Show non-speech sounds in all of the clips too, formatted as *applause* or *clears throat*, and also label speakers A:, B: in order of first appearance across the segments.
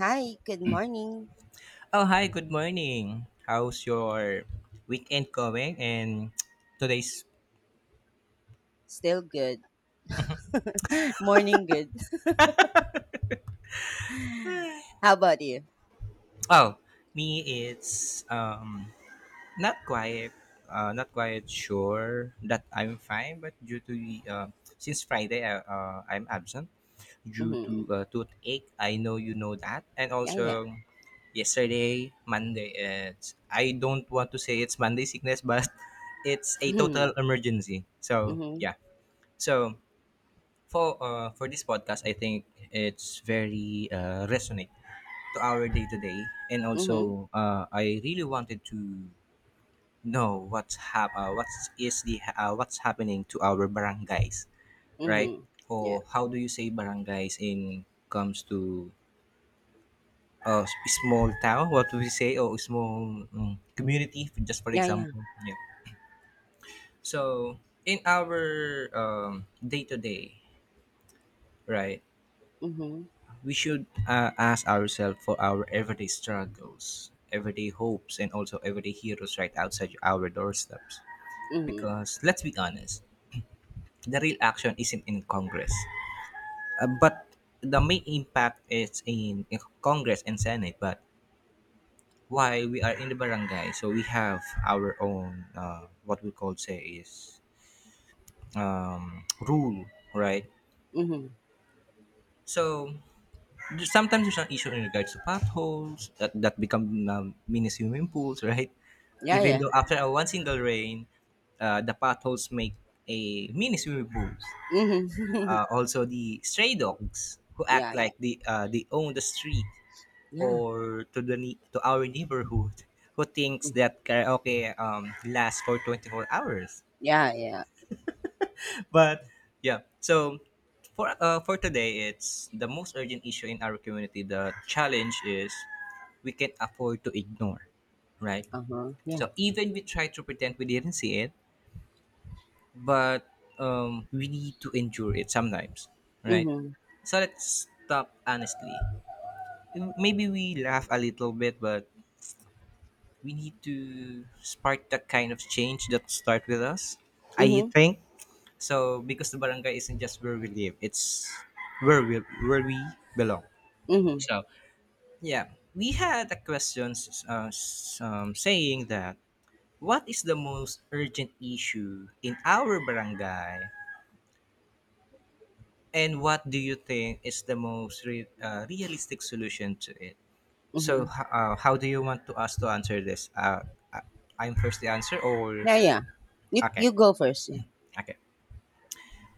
A: Hi, good morning.
B: Oh, hi, good morning. How's your weekend going? Today's,
A: Still good. *laughs* Morning good. How about you?
B: oh, me, it's not quite, not quite sure that I'm fine, but due to, since Friday, I'm absent due to
A: Mm-hmm.
B: toothache. I know you know that. And
A: Yeah, yeah.
B: also, yesterday, Monday, it's, I don't want to say it's Monday sickness, but *laughs* it's a
A: Mm-hmm.
B: total emergency. So,
A: Mm-hmm.
B: yeah. So, for this podcast, I think it's very resonate to our day to day, and
A: Mm-hmm.
B: also I really wanted to know what is the what's happening to our barangays, right?
A: Mm-hmm. Yeah.
B: Or how do you say barangays in comes to uh, small town? What do we say? Or small community? Just for
A: Yeah, yeah.
B: example, yeah. So in our day to day, right?
A: Mm-hmm.
B: We should ask ourselves for our everyday struggles, everyday hopes, and also everyday heroes right outside our doorsteps.
A: Mm-hmm.
B: Because let's be honest, the real action isn't in Congress, but the main impact is in Congress and Senate. But why we are in the barangay, so we have our own what we call say is rule, right?
A: Mm-hmm.
B: So sometimes there's an issue in regards to potholes that become mini swimming pools, *laughs* right?
A: Yeah,
B: Even
A: yeah.
B: though after a one single rain, the potholes make a mini swimming pools.
A: Mm-hmm.
B: Also, the stray dogs who act
A: Yeah, yeah.
B: like they own the street
A: Yeah.
B: or to the to our neighborhood *laughs* who thinks that karaoke lasts for 24 hours.
A: Yeah, yeah.
B: But yeah, so for today, it's the most urgent issue in our community. The challenge is we can afford to ignore, right?
A: Uh-huh. Yeah.
B: So even we try to pretend we didn't see it, but we need to endure it sometimes, right?
A: Mm-hmm.
B: So let's stop honestly. Maybe we laugh a little bit, but we need to spark that kind of change that start with us. I
A: Mm-hmm.
B: think so because the barangay isn't just where we live; it's where we belong.
A: Mm-hmm.
B: So yeah, we had a question saying that what is the most urgent issue in our barangay. And what do you think is the most realistic solution to it? So,
A: Mm-hmm.
B: how do you want to us to answer this? I- I'm first the answer, or
A: Yeah, yeah. You,
B: okay,
A: you go first. Yeah.
B: okay.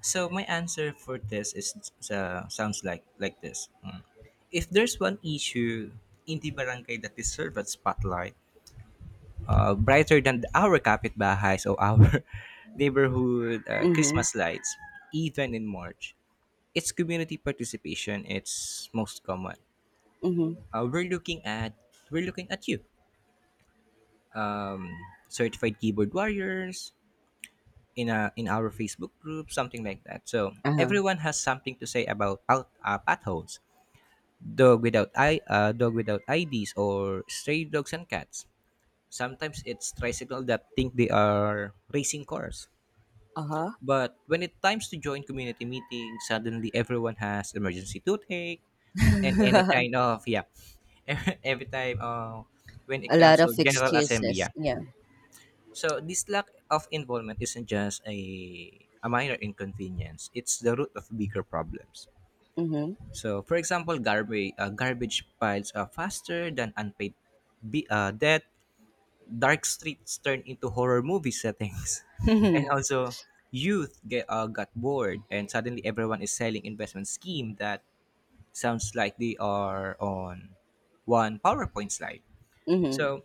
B: So my answer for this is sounds like this. Mm. If there's one issue in the barangay that deserves a spotlight, brighter than our kapitbahay, so our *laughs* neighborhood
A: Mm-hmm.
B: Christmas lights, even in March, it's community participation. It's most common
A: Mm-hmm.
B: uh, we're looking at we're looking at you um, certified keyboard warriors in a in our Facebook group something like that. So
A: Uh-huh.
B: everyone has something to say about out potholes, dog without IDs or stray dogs and cats. Sometimes it's tricycle that think they are racing cars,
A: Uh-huh.
B: but when it times to join community meetings suddenly everyone has emergency toothache and any kind of yeah *laughs* every time when it
A: A lot
B: comes to
A: of
B: general assembly, yeah.
A: excuses. Yeah.
B: So this lack of involvement isn't just a minor inconvenience; it's the root of bigger problems.
A: Mm-hmm.
B: So, for example, garbage piles are faster than unpaid debt. Dark streets turn into horror movie settings, *laughs* and
A: *laughs*
B: also youth get got bored, and suddenly everyone is selling investment scheme that sounds like they are on one PowerPoint slide.
A: Mm-hmm.
B: So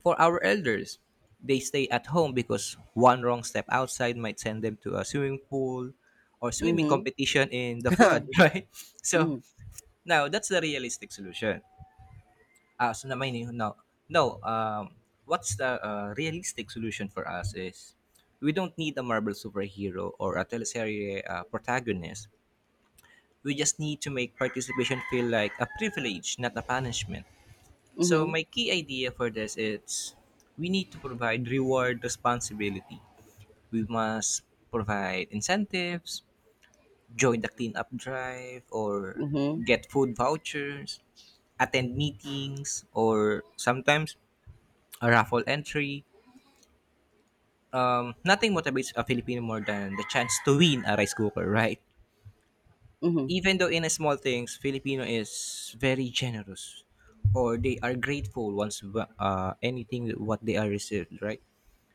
B: for our elders, they stay at home because one wrong step outside might send them to a swimming pool or swimming
A: Mm-hmm.
B: competition in the flood, *laughs* right?
A: Mm-hmm.
B: So
A: *laughs*
B: now that's the realistic solution. Ah, so naman yun, no, no. What's the realistic solution for us is we don't need a Marvel superhero or a teleserie protagonist. We just need to make participation feel like a privilege, not a punishment. So
A: Mm-hmm.
B: my key idea for this is we need to provide reward responsibility. We must provide incentives, join the cleanup drive or
A: Mhm.
B: get food vouchers, attend meetings or sometimes a raffle entry. Nothing motivates a Filipino more than the chance to win a rice cooker, right?
A: Mhm.
B: Even though in small things, Filipino is very generous or they are grateful once anything what they are received, right?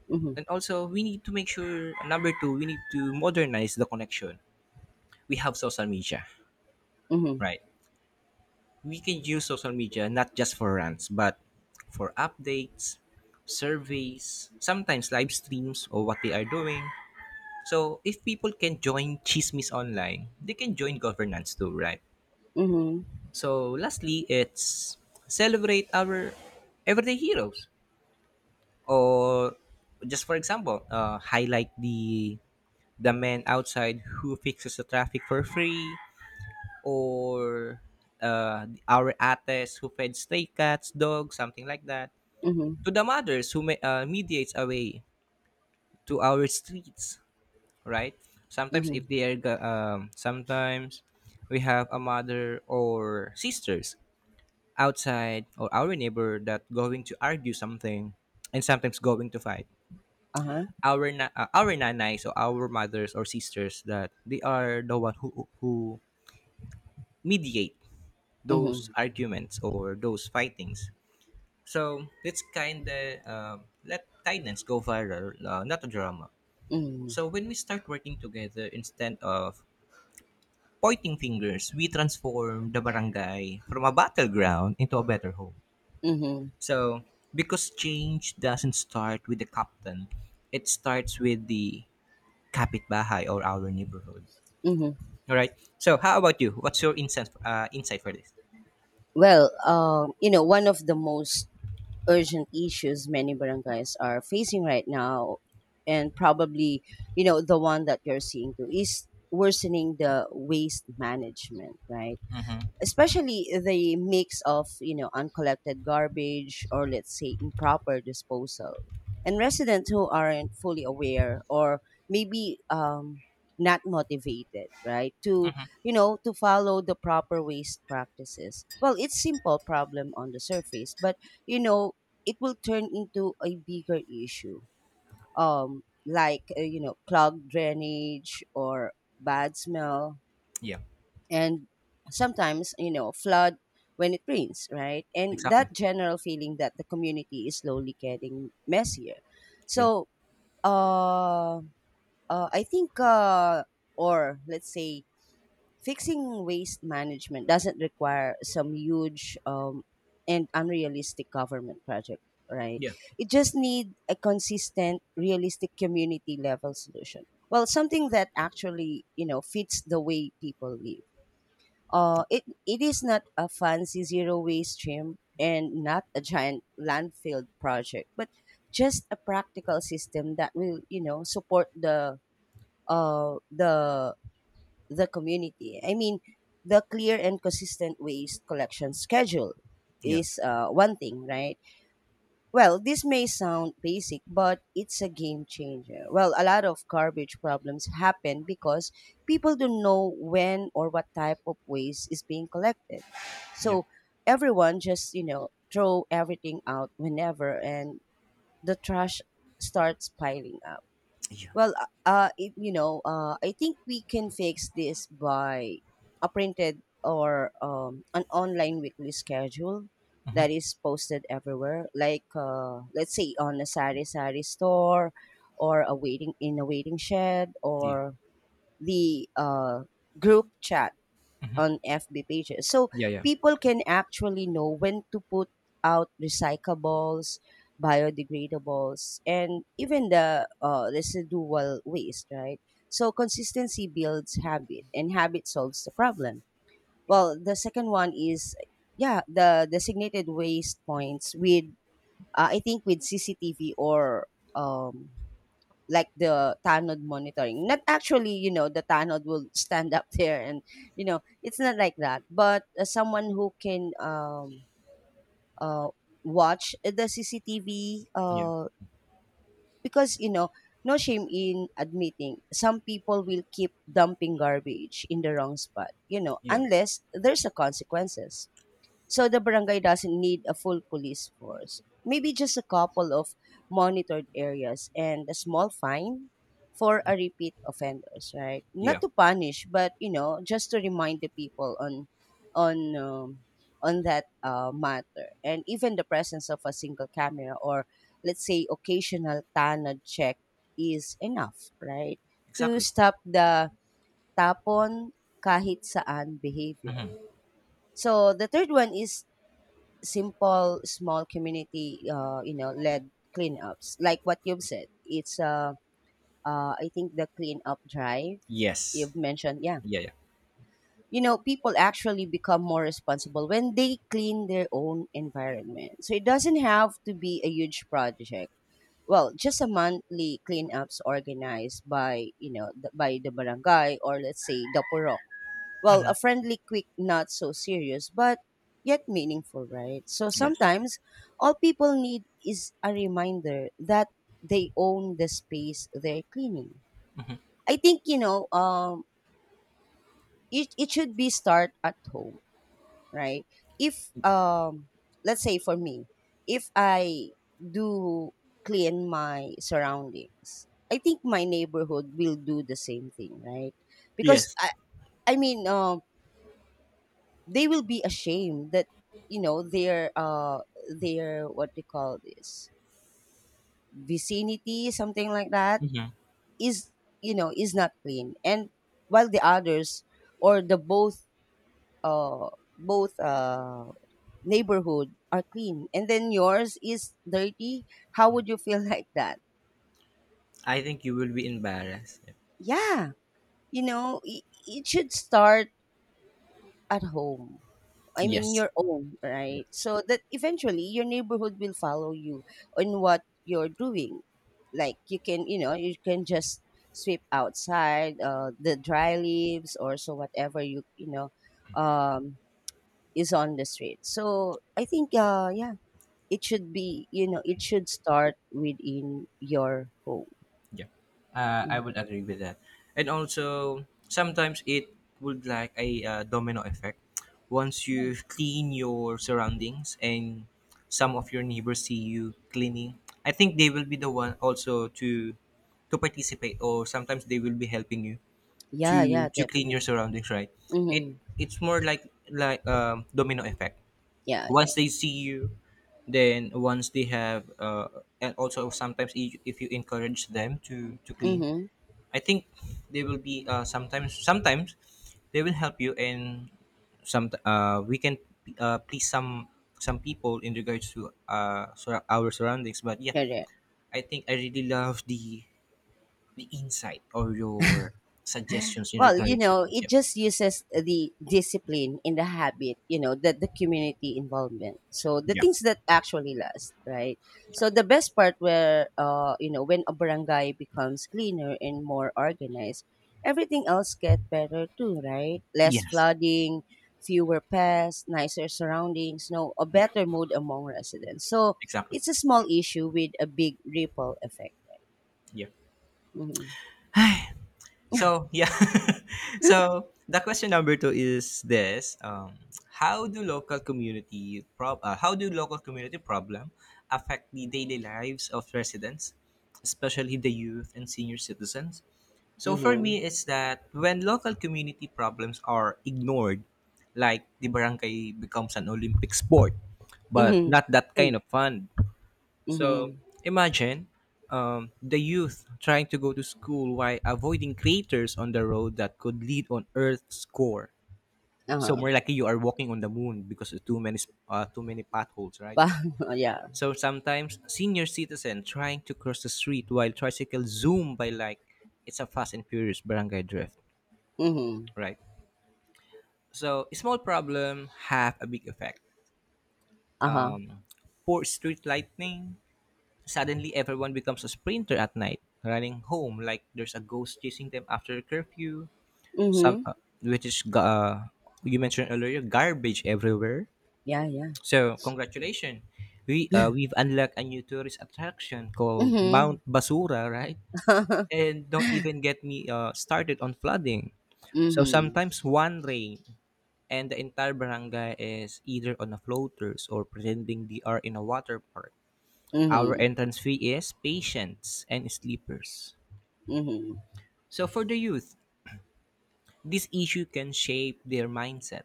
A: Mhm.
B: And also, we need to make sure number two, we need to modernize the connection. We have social media,
A: Mhm.
B: right? We can use social media not just for rants, but for updates, surveys, sometimes live streams or what they are doing. So if people can join Chismis online, they can join governance too, right?
A: Mhm.
B: So lastly, it's celebrate our everyday heroes, or just for example highlight the man outside who fixes the traffic for free, or our ates who feeds stray cats dogs something like that,
A: Mhm.
B: to the mothers who mediates away to our streets, right? Sometimes if
A: Mhm.
B: they are sometimes we have a mother or sisters outside or our neighbor that going to argue something and sometimes going to fight
A: Uh-huh.
B: our our nanay, so our mothers or sisters that they are the one who mediate those
A: Mhm.
B: arguments or those fightings. So let's kind of let kindness go viral, not a drama.
A: Mhm.
B: So when we start working together instead of pointing fingers, we transform the barangay from a battleground into a better home.
A: Mhm.
B: So because change doesn't start with the captain, it starts with the kapitbahay or our neighborhood.
A: Mhm.
B: All right. So, how about you? What's your insight for this?
A: Well, you know, one of the most urgent issues many barangays are facing right now, and probably, you know, the one that you're seeing too, is worsening the waste management, right?
B: Mm-hmm.
A: Especially the mix of, you know, uncollected garbage, or let's say improper disposal, and residents who aren't fully aware, or maybe not motivated, right, to, you know, to follow the proper waste practices. Well, it's simple problem on the surface, but, you know, it will turn into a bigger issue, like, you know, clogged drainage or bad smell,
B: Yeah.
A: and sometimes, you know, flood when it rains, right? And that
B: Exactly.
A: general feeling that the community is slowly getting messier.
B: Yeah.
A: So uh, I think or let's say fixing waste management doesn't require some huge and unrealistic government project, right?
B: Yeah.
A: It just need a consistent, realistic, community level solution. Well, something that actually, you know, fits the way people live. It is not a fancy zero waste stream and not a giant landfill project, but just a practical system that will, you know, support uh the the community. I mean, the clear and consistent waste collection schedule
B: Yeah.
A: is, one thing, right? Well, this may sound basic, but it's a game changer. Well, a lot of garbage problems happen because people don't know when or what type of waste is being collected.
B: Yeah.
A: So everyone just, you know, throw everything out whenever, and the trash starts piling up.
B: Yeah.
A: Well, if, you know, I think we can fix this by a printed or, an online weekly schedule
B: Mm-hmm.
A: that is posted everywhere. Like, let's say on a sari sari store, or a waiting in a waiting shed,
B: Yeah.
A: or the, group chat on FB pages. So
B: Yeah. Yeah.
A: people can actually know when to put out recyclables, biodegradables, and even the, residual waste, right? So consistency builds habit, and habit solves the problem. Well, the second one is, yeah, the designated waste points with, I think, with CCTV or, um, like the tanod monitoring. Not actually, you know, the tanod will stand up *laughs* there and, you know, it's not like that, but, someone who can uh watch the CCTV,
B: Yeah.
A: because, you know, no shame in admitting some people will keep dumping garbage in the wrong spot, you know,
B: Yeah.
A: unless there's a consequences. So the barangay doesn't need a full police force. Maybe just a couple of monitored areas and a small fine for a repeat offenders, right? Not
B: Yeah.
A: to punish, but, you know, just to remind the people on on um, on that, matter. And even the presence of a single camera or, let's say, occasional tanad check is enough, right? To
B: Exactly.
A: stop the tapon kahit saan behavior. So the third one is simple small community, you know, led cleanups, like what you've said. It's, I think the cleanup drive
B: Yes.
A: you've mentioned. Yeah,
B: Yeah. Yeah.
A: you know, people actually become more responsible when they clean their own environment. So it doesn't have to be a huge project. Well, just a monthly cleanups organized by, you know, by the barangay or, let's say, the purok. Well, a friendly, quick, not so serious, but yet meaningful, right? So
B: Yes.
A: sometimes all people need is a reminder that they own the space they're cleaning. I think, you know, it should be start at home, right? If, let's say for me, if I do clean my surroundings, I think my neighborhood will do the same thing, right? Because
B: Yes.
A: I mean, they will be ashamed that, you know, their what do call this, vicinity, something like that,
B: Mm-hmm.
A: is, you know, is not clean. And while the others or the both, uh both neighborhood are clean and then yours is dirty, how would you feel? *laughs* Like that.
B: I think you will be embarrassed. Yeah.
A: Yeah, you know, it should start at home. I mean
B: Yes.
A: your own, right? So that eventually your neighborhood will follow you on what you're doing. Like you can, you know, you can just sweep outside, the dry leaves or so, whatever you, you know, um, is on the street. So I think, yeah, it should be, you know, it should start within your home.
B: Yeah, I
A: Mhm.
B: would agree with that. And also, sometimes it would like a domino effect. Once
A: Yeah,
B: you clean your surroundings and some of your neighbors see you cleaning, I think they will be the one also to participate, or sometimes they will be helping you to
A: yeah,
B: to clean
A: definitely.
B: your surroundings. Right? It
A: Mm-hmm.
B: it's more like domino effect
A: Yeah, yeah.
B: once they see you, then once they have and also sometimes if you encourage them to clean,
A: Mm-hmm.
B: I think they will be sometimes they will help you and some we can please some people in regards to our surroundings. But yeah, I think I really love the insight or your suggestions in
A: Well, you
B: regards to
A: know,
B: those.
A: it
B: Yeah.
A: just uses the discipline in the habit, you know, that the community involvement. So the
B: Yeah.
A: things that actually last, right? So the best part where, you know, when a barangay becomes cleaner and more organized, everything else get better too, right? Less
B: Yes.
A: flooding, fewer pests, nicer surroundings, no, a
B: Yeah.
A: better mood among residents. So
B: Exactly.
A: it's a small issue with a big ripple effect.
B: Yeah.
A: hmm
B: *sighs* So yeah, *laughs* so the question number two is this: How do local community problem affect the daily lives of residents, especially the youth and senior citizens? So for
A: hmm
B: me, it's that when local community problems are ignored, like the barangay becomes an Olympic sport, but
A: hmm
B: not that
A: hmm
B: kind of fun. So
A: hmm *laughs*
B: imagine the youth trying to go to school while avoiding craters on the road that could lead on Earth's core. So
A: Uh-huh.
B: more likely you are walking on the moon because of too many potholes, right?
A: But *laughs* yeah.
B: So sometimes senior citizen trying to cross the street while tricycle zoom by like it's a fast and furious barangay drift,
A: Mhm.
B: right? So small problem have a big effect.
A: Uh-huh.
B: Um, poor street lighting, suddenly, everyone becomes a sprinter at night, running home like there's a ghost chasing them after curfew. Some,
A: Mhm.
B: you mentioned earlier, garbage everywhere.
A: Yeah, yeah.
B: So, congratulations, we've unlocked a new tourist attraction called
A: Mhm.
B: Mount Basura, right? And don't even get me started on flooding. So
A: Mhm.
B: sometimes one rain and the entire barangay is either on a floaters or pretending they are in a water park. Our
A: Mhm.
B: entrance fee is patients and sleepers.
A: Mhm.
B: So for the youth, this issue can shape their mindset.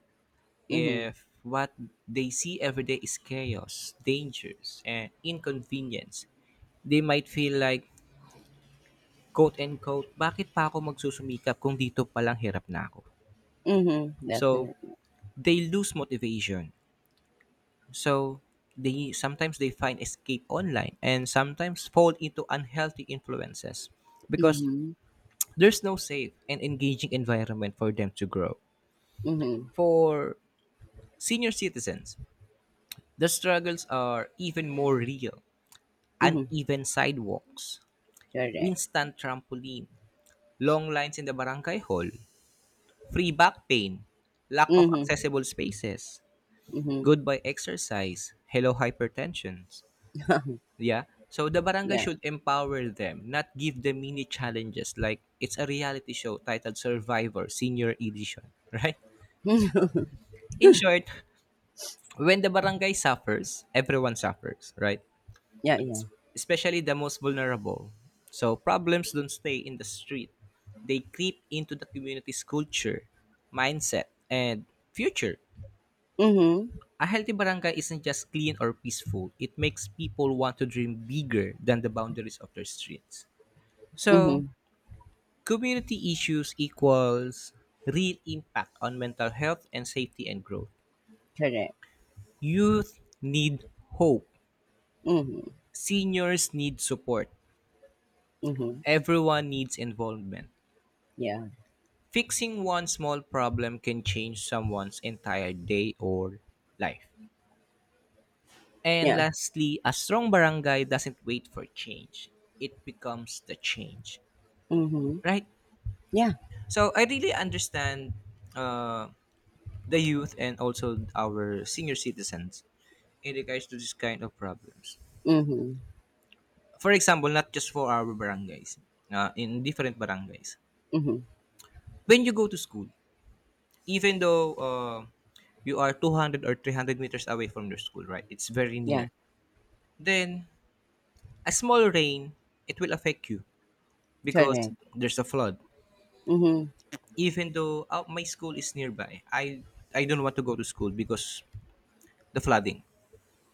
A: Mhm.
B: If what they see every day is chaos, dangers, and inconvenience, they might feel like, quote unquote, bakit pa ako magsusumikap kung dito palang hirap na ako?
A: Mhm. *laughs*
B: So,
A: Definitely.
B: they lose motivation. So, they sometimes they find escape online and sometimes fall into unhealthy influences because
A: Mhm.
B: there's no safe and engaging environment for them to grow.
A: Mhm.
B: For senior citizens, the struggles are even more real.
A: Mhm.
B: Uneven sidewalks,
A: Correct.
B: instant trampoline, long lines in the barangay hall, free back pain, lack of
A: Mhm.
B: accessible spaces,
A: Mhm.
B: goodbye exercise, hello hypertension.
A: *laughs*
B: Yeah. So the barangay
A: Yeah.
B: should empower them, not give them mini challenges like it's a reality show titled Survivor Senior Edition, right? *laughs* So,
A: *laughs*
B: in short, when the barangay suffers, everyone suffers, right?
A: Yeah, yeah.
B: Especially the most vulnerable. So problems don't stay in the street. They creep into the community's culture, mindset, and future.
A: Mhm.
B: A healthy barangay isn't just clean or peaceful. It makes people want to dream bigger than the boundaries of their streets. So,
A: Mhm.
B: community issues equals real impact on mental health and safety and growth.
A: Correct.
B: Youth need hope.
A: Mhm.
B: Seniors need support.
A: Mhm.
B: Everyone needs involvement.
A: Yeah.
B: Fixing one small problem can change someone's entire day or life. And
A: Yeah.
B: lastly, a strong barangay doesn't wait for change, it becomes the change,
A: Mhm.
B: right?
A: Yeah.
B: So I really understand uh, the youth and also our senior citizens in regards to this kind of problems.
A: Mhm.
B: For example, not just for our barangays, in different barangays.
A: Mhm.
B: When you go to school, even though you are 200 or 300 meters away from your school, right? It's very near.
A: Yeah.
B: Then a small rain, it will affect you because
A: Correct.
B: there's a flood.
A: Mhm.
B: Even though my school is nearby, I don't want to go to school because the flooding.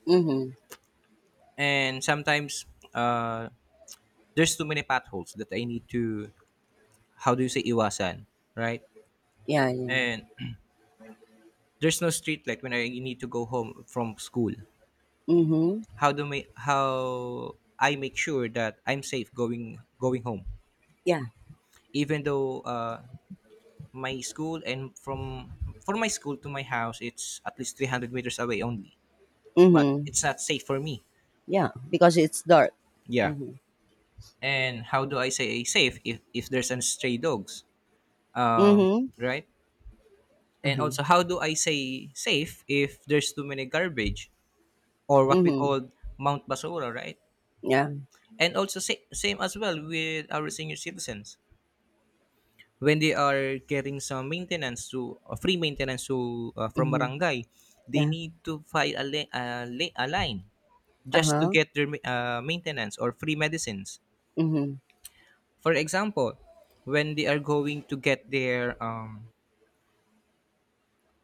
A: Mhm.
B: And sometimes uh, there's too many potholes that I need to, how do you say, iwasan, right?
A: Yeah, yeah.
B: And *clears throat* there's no street light when I need to go home from school.
A: Mhm.
B: How do my how I make sure that I'm safe going home,
A: Yeah.
B: even though my school and from my school to my house it's at least 300 meters away only, but
A: Mhm.
B: it's not safe for me.
A: Yeah, because it's dark.
B: Yeah,
A: Mm-hmm.
B: and how do I say safe if there's an stray dogs? Um,
A: Mhm.
B: right. And
A: Uh-huh.
B: also, how do I say safe if there's too many garbage or what we
A: Mhm.
B: call Mount Basura, right?
A: Yeah.
B: And also, same as well with our senior citizens when they are getting some maintenance to, free maintenance to, from
A: Mhm.
B: barangay, they
A: Yeah.
B: need to file a line just to
A: Uh-huh.
B: get their maintenance or free medicines.
A: Mhm.
B: For example, when they are going to get their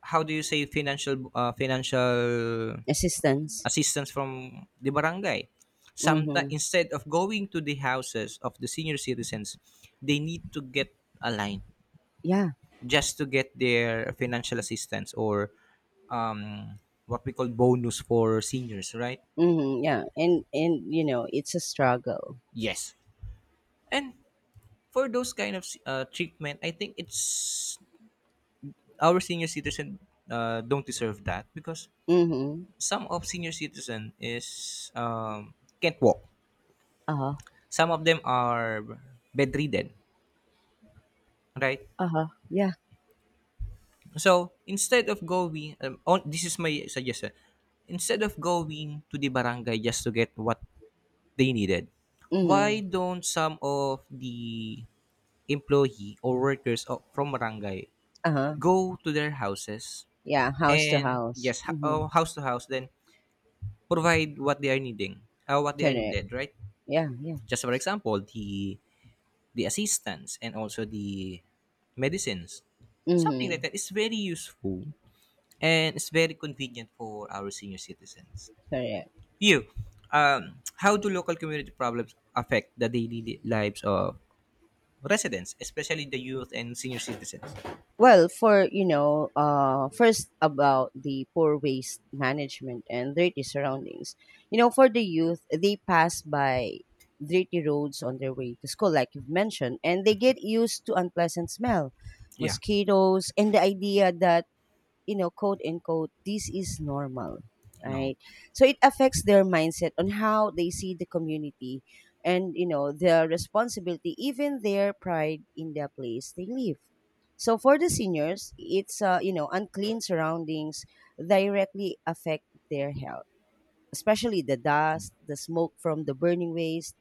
B: how do you say financial, financial
A: Assistance.
B: assistance from the barangay? Sometimes
A: Mhm.
B: instead of going to the houses of the senior citizens, they need to get a line
A: Yeah.
B: just to get their financial assistance or um, what we call bonus for seniors, right?
A: Mhm. Yeah. And you know, it's a struggle.
B: Yes. And for those kind of treatment, I think it's our senior citizen don't deserve that because
A: Mhm.
B: some of senior citizen is can't walk.
A: Uh-huh.
B: Some of them are bedridden, right?
A: Uh-huh. Yeah.
B: So instead of going, this is my suggestion. Instead of going to the barangay just to get what they needed. Why
A: Mhm.
B: don't some of the employee or workers of, from barangay
A: Uh-huh.
B: go to their houses
A: Yeah, house to
B: and
A: house.
B: yes,
A: Mhm.
B: house to house, then provide what they are needing, what they are
A: Correct.
B: needed, right?
A: Yeah, yeah.
B: Just for example, the assistance and also the medicines, something like
A: Mhm.
B: that. It's very useful and it's very convenient for our senior citizens.
A: Correct.
B: You, how do local community problems affect the daily lives of residents, especially the youth and senior citizens?
A: Well, for, you know, first about the poor waste management and dirty surroundings. You know, for the youth, they pass by dirty roads on their way to school, like you've mentioned, and they get used to unpleasant smell,
B: Yeah.
A: mosquitoes, and the idea that, you know, quote unquote, this is normal,
B: No.
A: right? So it affects their mindset on how they see the community and, you know, their responsibility, even their pride in the place they live. So for the seniors, it's, you know, unclean surroundings directly affect their health, especially the dust, the smoke from the burning waste,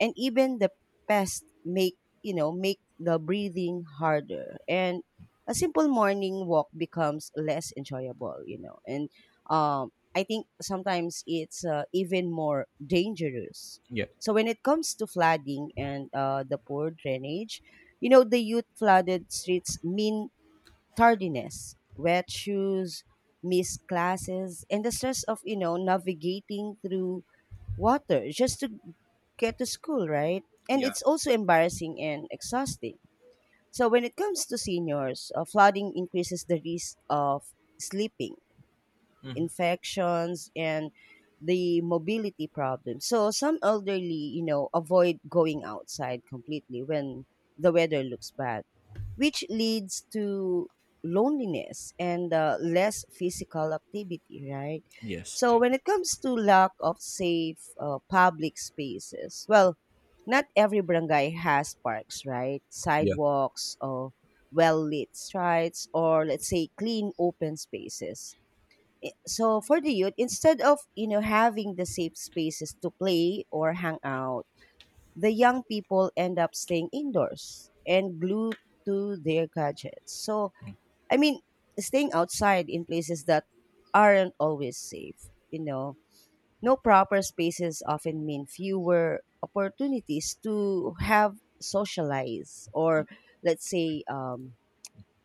A: and even the pests make, you know, make the breathing harder. And a simple morning walk becomes less enjoyable, you know. And I think sometimes it's, even more dangerous.
B: Yeah.
A: So when it comes to flooding and, the poor drainage, you know, the youth flooded streets mean tardiness, wet shoes, missed classes, and the stress of, you know, navigating through water just to get to school, right? And
B: Yeah.
A: it's also embarrassing and exhausting. So when it comes to seniors, flooding increases the risk of sleeping,
B: Mhm.
A: infections, and the mobility problems. So some elderly, you know, avoid going outside completely when the weather looks bad, which leads to loneliness and, less physical activity, right?
B: Yes.
A: So when it comes to lack of safe, public spaces, well, not every barangay has parks, right?
B: Yeah.
A: Sidewalks or well-lit streets, or let's say clean open spaces. So for the youth, instead of, you know, having the safe spaces to play or hang out, the young people end up staying indoors and glued to their gadgets. So, I mean, staying outside in places that aren't always safe, you know. No proper spaces often mean fewer opportunities to have socialize, or let's say,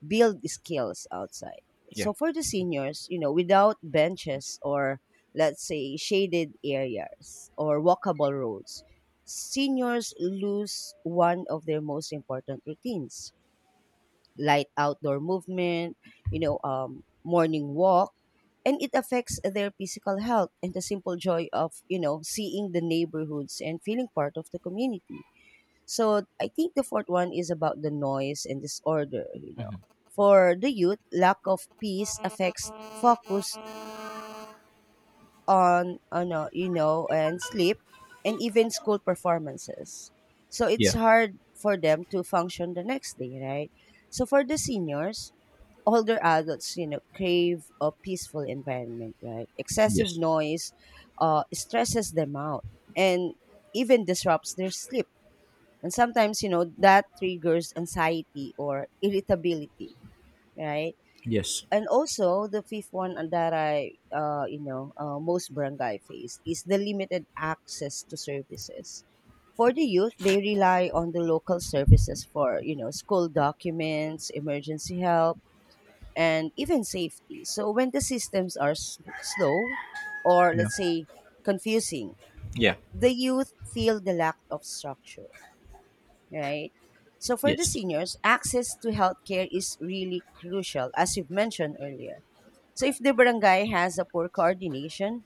A: build skills outside.
B: Yeah.
A: So for the seniors, you know, without benches or, let's say, shaded areas or walkable roads, seniors lose one of their most important routines, light outdoor movement, you know, morning walk, and it affects their physical health and the simple joy of, you know, seeing the neighborhoods and feeling part of the community. So I think the fourth one is about the noise and disorder, you know. For the youth, lack of peace affects focus on you know, and sleep, and even school performances. So it's
B: Yeah.
A: hard for them to function the next day, right? So for the seniors, older adults, you know, crave a peaceful environment, right? Excessive
B: Yes.
A: noise, stresses them out and even disrupts their sleep, and sometimes, you know, that triggers anxiety or irritability, right?
B: Yes.
A: And also, the fifth one, that you know, most barangay face is the limited access to services. For the youth, they rely on the local services for, you know, school documents, emergency help, and even safety. So when the systems are slow, or,
B: Yeah.
A: let's say, confusing,
B: Yeah.
A: the youth feel the lack of structure, right? So for the
B: Yes.
A: seniors, access to healthcare is really crucial, as you've mentioned earlier. So if the barangay has a poor coordination,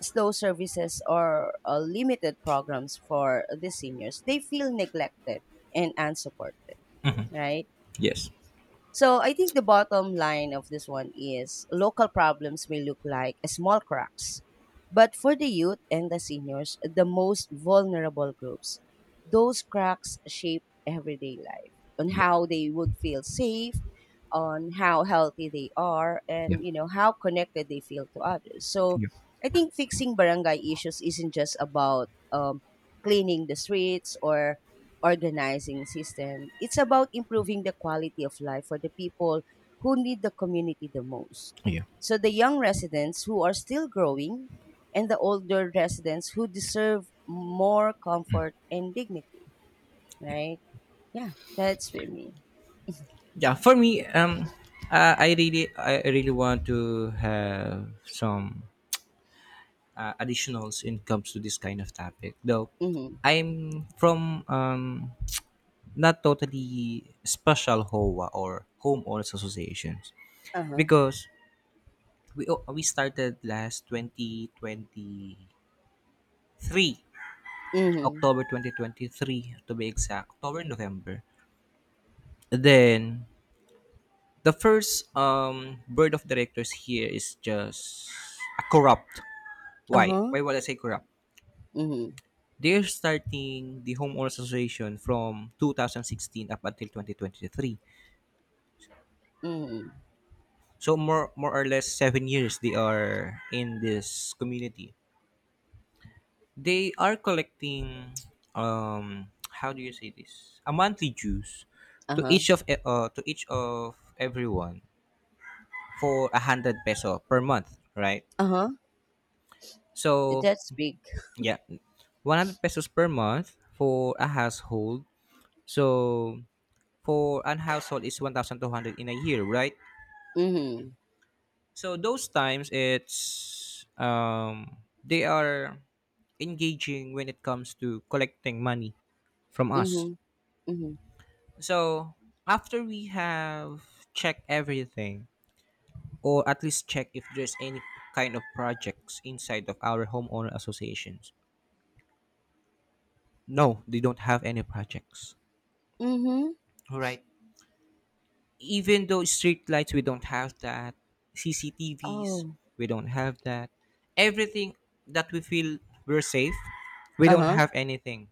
A: slow services, or, limited programs for the seniors, they feel neglected and unsupported, right?
B: Yes.
A: So I think the bottom line of this one is local problems may look like small cracks, but for the youth and the seniors, the most vulnerable groups, those cracks shape everyday life, on
B: Yeah.
A: how they would feel safe, on how healthy they are,
B: Yeah.
A: and, you know, how connected they feel to others. So
B: Yeah.
A: I think fixing barangay issues isn't just about, cleaning the streets or organizing system. It's about improving the quality of life for the people who need the community the most.
B: Yeah.
A: So the young residents who are still growing, and the older residents who deserve more comfort and dignity,
B: Yeah.
A: right? Yeah, that's with me.
B: Yeah. For me, I really want to have some additionals when it comes to this kind of topic. Though,
A: Mm-hmm.
B: I'm from not totally special HOA or homeowners associations,
A: Uh-huh.
B: because we started last 2023,
A: Mm-hmm.
B: October 2023 to be exact, October, November, then the first board of directors here is just a corrupt. why
A: Uh-huh.
B: why would I say corrupt?
A: Mm-hmm.
B: They're starting the homeowners association from 2016 up until 2023,
A: Mm-hmm.
B: so more or less 7 years they are in this community. They are collecting, um how do you say this, a monthly dues to
A: Uh-huh.
B: each of to each of everyone, for 100 peso per month, right?
A: Uh-huh.
B: So
A: That's big.
B: yeah, 100 pesos per month for a household. So for an household is 1200 in a year, right?
A: Mm-hmm.
B: So those times it's, they are engaging when it comes to collecting money from us.
A: Mm-hmm. Mm-hmm.
B: So after we have checked everything, or at least check if there's any kind of projects inside of our homeowner associations. No, they don't have any projects.
A: Mm-hmm.
B: All right. Even though street lights, we don't have that. CCTVs,
A: Oh.
B: we don't have that. Everything that we feel we're safe, we don't
A: Uh-huh.
B: have anything.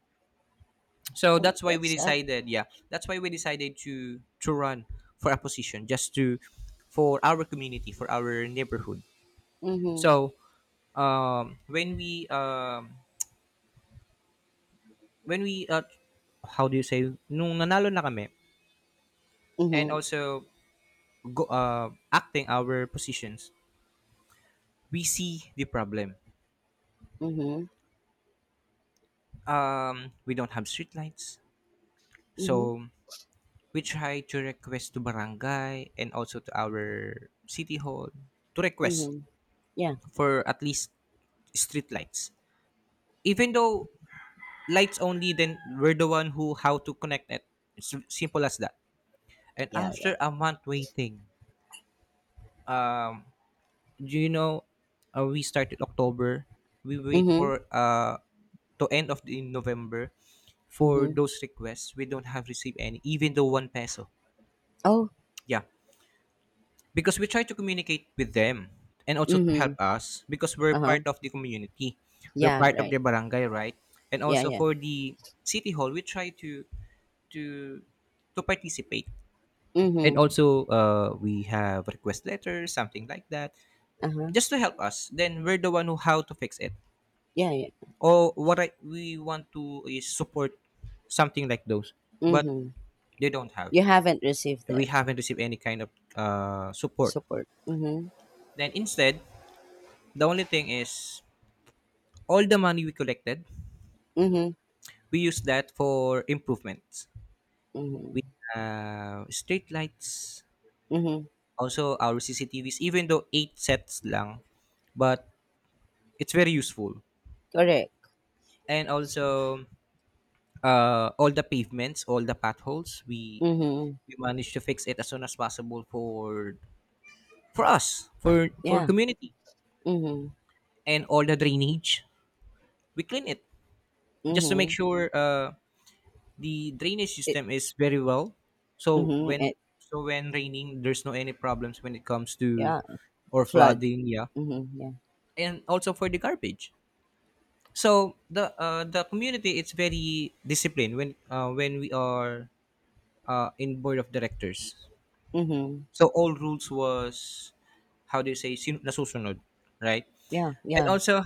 B: So
A: Well,
B: that's why
A: that's
B: we
A: sad.
B: decided, yeah, that's why we decided to run for a position, just to, for our community, for our neighborhood.
A: Mm-hmm.
B: So um when we um when we how do you say nung nanalo na kami, and
A: Mm-hmm.
B: also go, acting our positions, we see the problem.
A: Mhm.
B: We don't have streetlights.
A: Mhm.
B: So we try to request to barangay and also to our city hall to request
A: Mhm. Yeah.
B: for at least streetlights. Even though lights only, then we're the one who how to connect it. It's simple as that. And
A: Yeah. Yeah.
B: after a month waiting, um, do you know, we started October. We wait
A: Mhm.
B: for to end of the November for
A: Mhm.
B: those requests. We don't have received any, even though 1 peso.
A: Oh.
B: Yeah. Because we try to communicate with them and also to help
A: Mhm.
B: us because we're
A: Uh huh.
B: part of the community, we're
A: Yeah.
B: part of
A: Right.
B: their barangay, right? And
A: Yeah.
B: also
A: Yeah.
B: for the city hall, we try to to participate and
A: Mhm.
B: also we have request letters, something like that,
A: Uh huh.
B: just to help us, then we're the one who how to fix it,
A: Yeah. Yeah.
B: or what I, we want to is support, something like those. But
A: Mhm.
B: they don't have,
A: You haven't received
B: we
A: that
B: haven't received any kind of support.
A: support. Mhm.
B: Then instead, the only thing is all the money we collected,
A: Mhm.
B: we used that for improvements. We,
A: Mhm.
B: street lights,
A: Mhm.
B: also our CCTVs, even though eight sets lang, but it's very useful.
A: Correct.
B: And also, all the pavements, all the potholes, we
A: Mhm.
B: we managed to fix it as soon as possible for, us, for
A: Yeah.
B: community,
A: Mhm.
B: and all the drainage, we clean it just to make
A: Mhm.
B: sure the drainage
A: It.
B: system is very well. So
A: Mhm.
B: when
A: It.
B: so when raining, there's no any problems when it comes to,
A: Yeah.
B: or
A: Flood.
B: flooding. Yeah,
A: Mhm. Yeah.
B: and also for the garbage. So the community it's very disciplined when we are in board of directors.
A: Mhm.
B: So all rules was how do you say nasusunod, right?
A: Yeah.
B: And
A: Yeah.
B: also,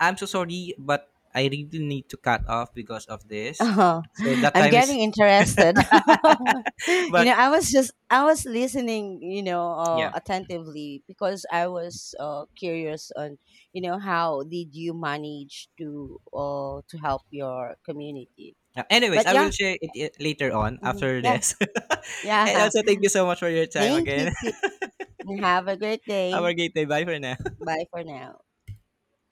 B: I'm so sorry, but I really need to cut off because of this.
A: Oh,
B: So
A: *laughs*
B: that
A: I'm
B: time is,
A: getting interested. *laughs*
B: *laughs*
A: You know,
B: but
A: I was listening, you know,
B: yeah.
A: attentively, because I was, curious on, you know, how did you manage to, to help your community?
B: Yeah. Anyways,
A: But
B: I will
A: yeah,
B: share it later on
A: mhm,
B: after
A: yeah,
B: this. *laughs* And
A: yeah.
B: also,
A: *laughs*
B: thank you so much for your time
A: Thank you
B: again.
A: too.
B: *laughs*
A: And have a great
B: Have
A: day.
B: a great day. Bye for now.
A: Bye for now.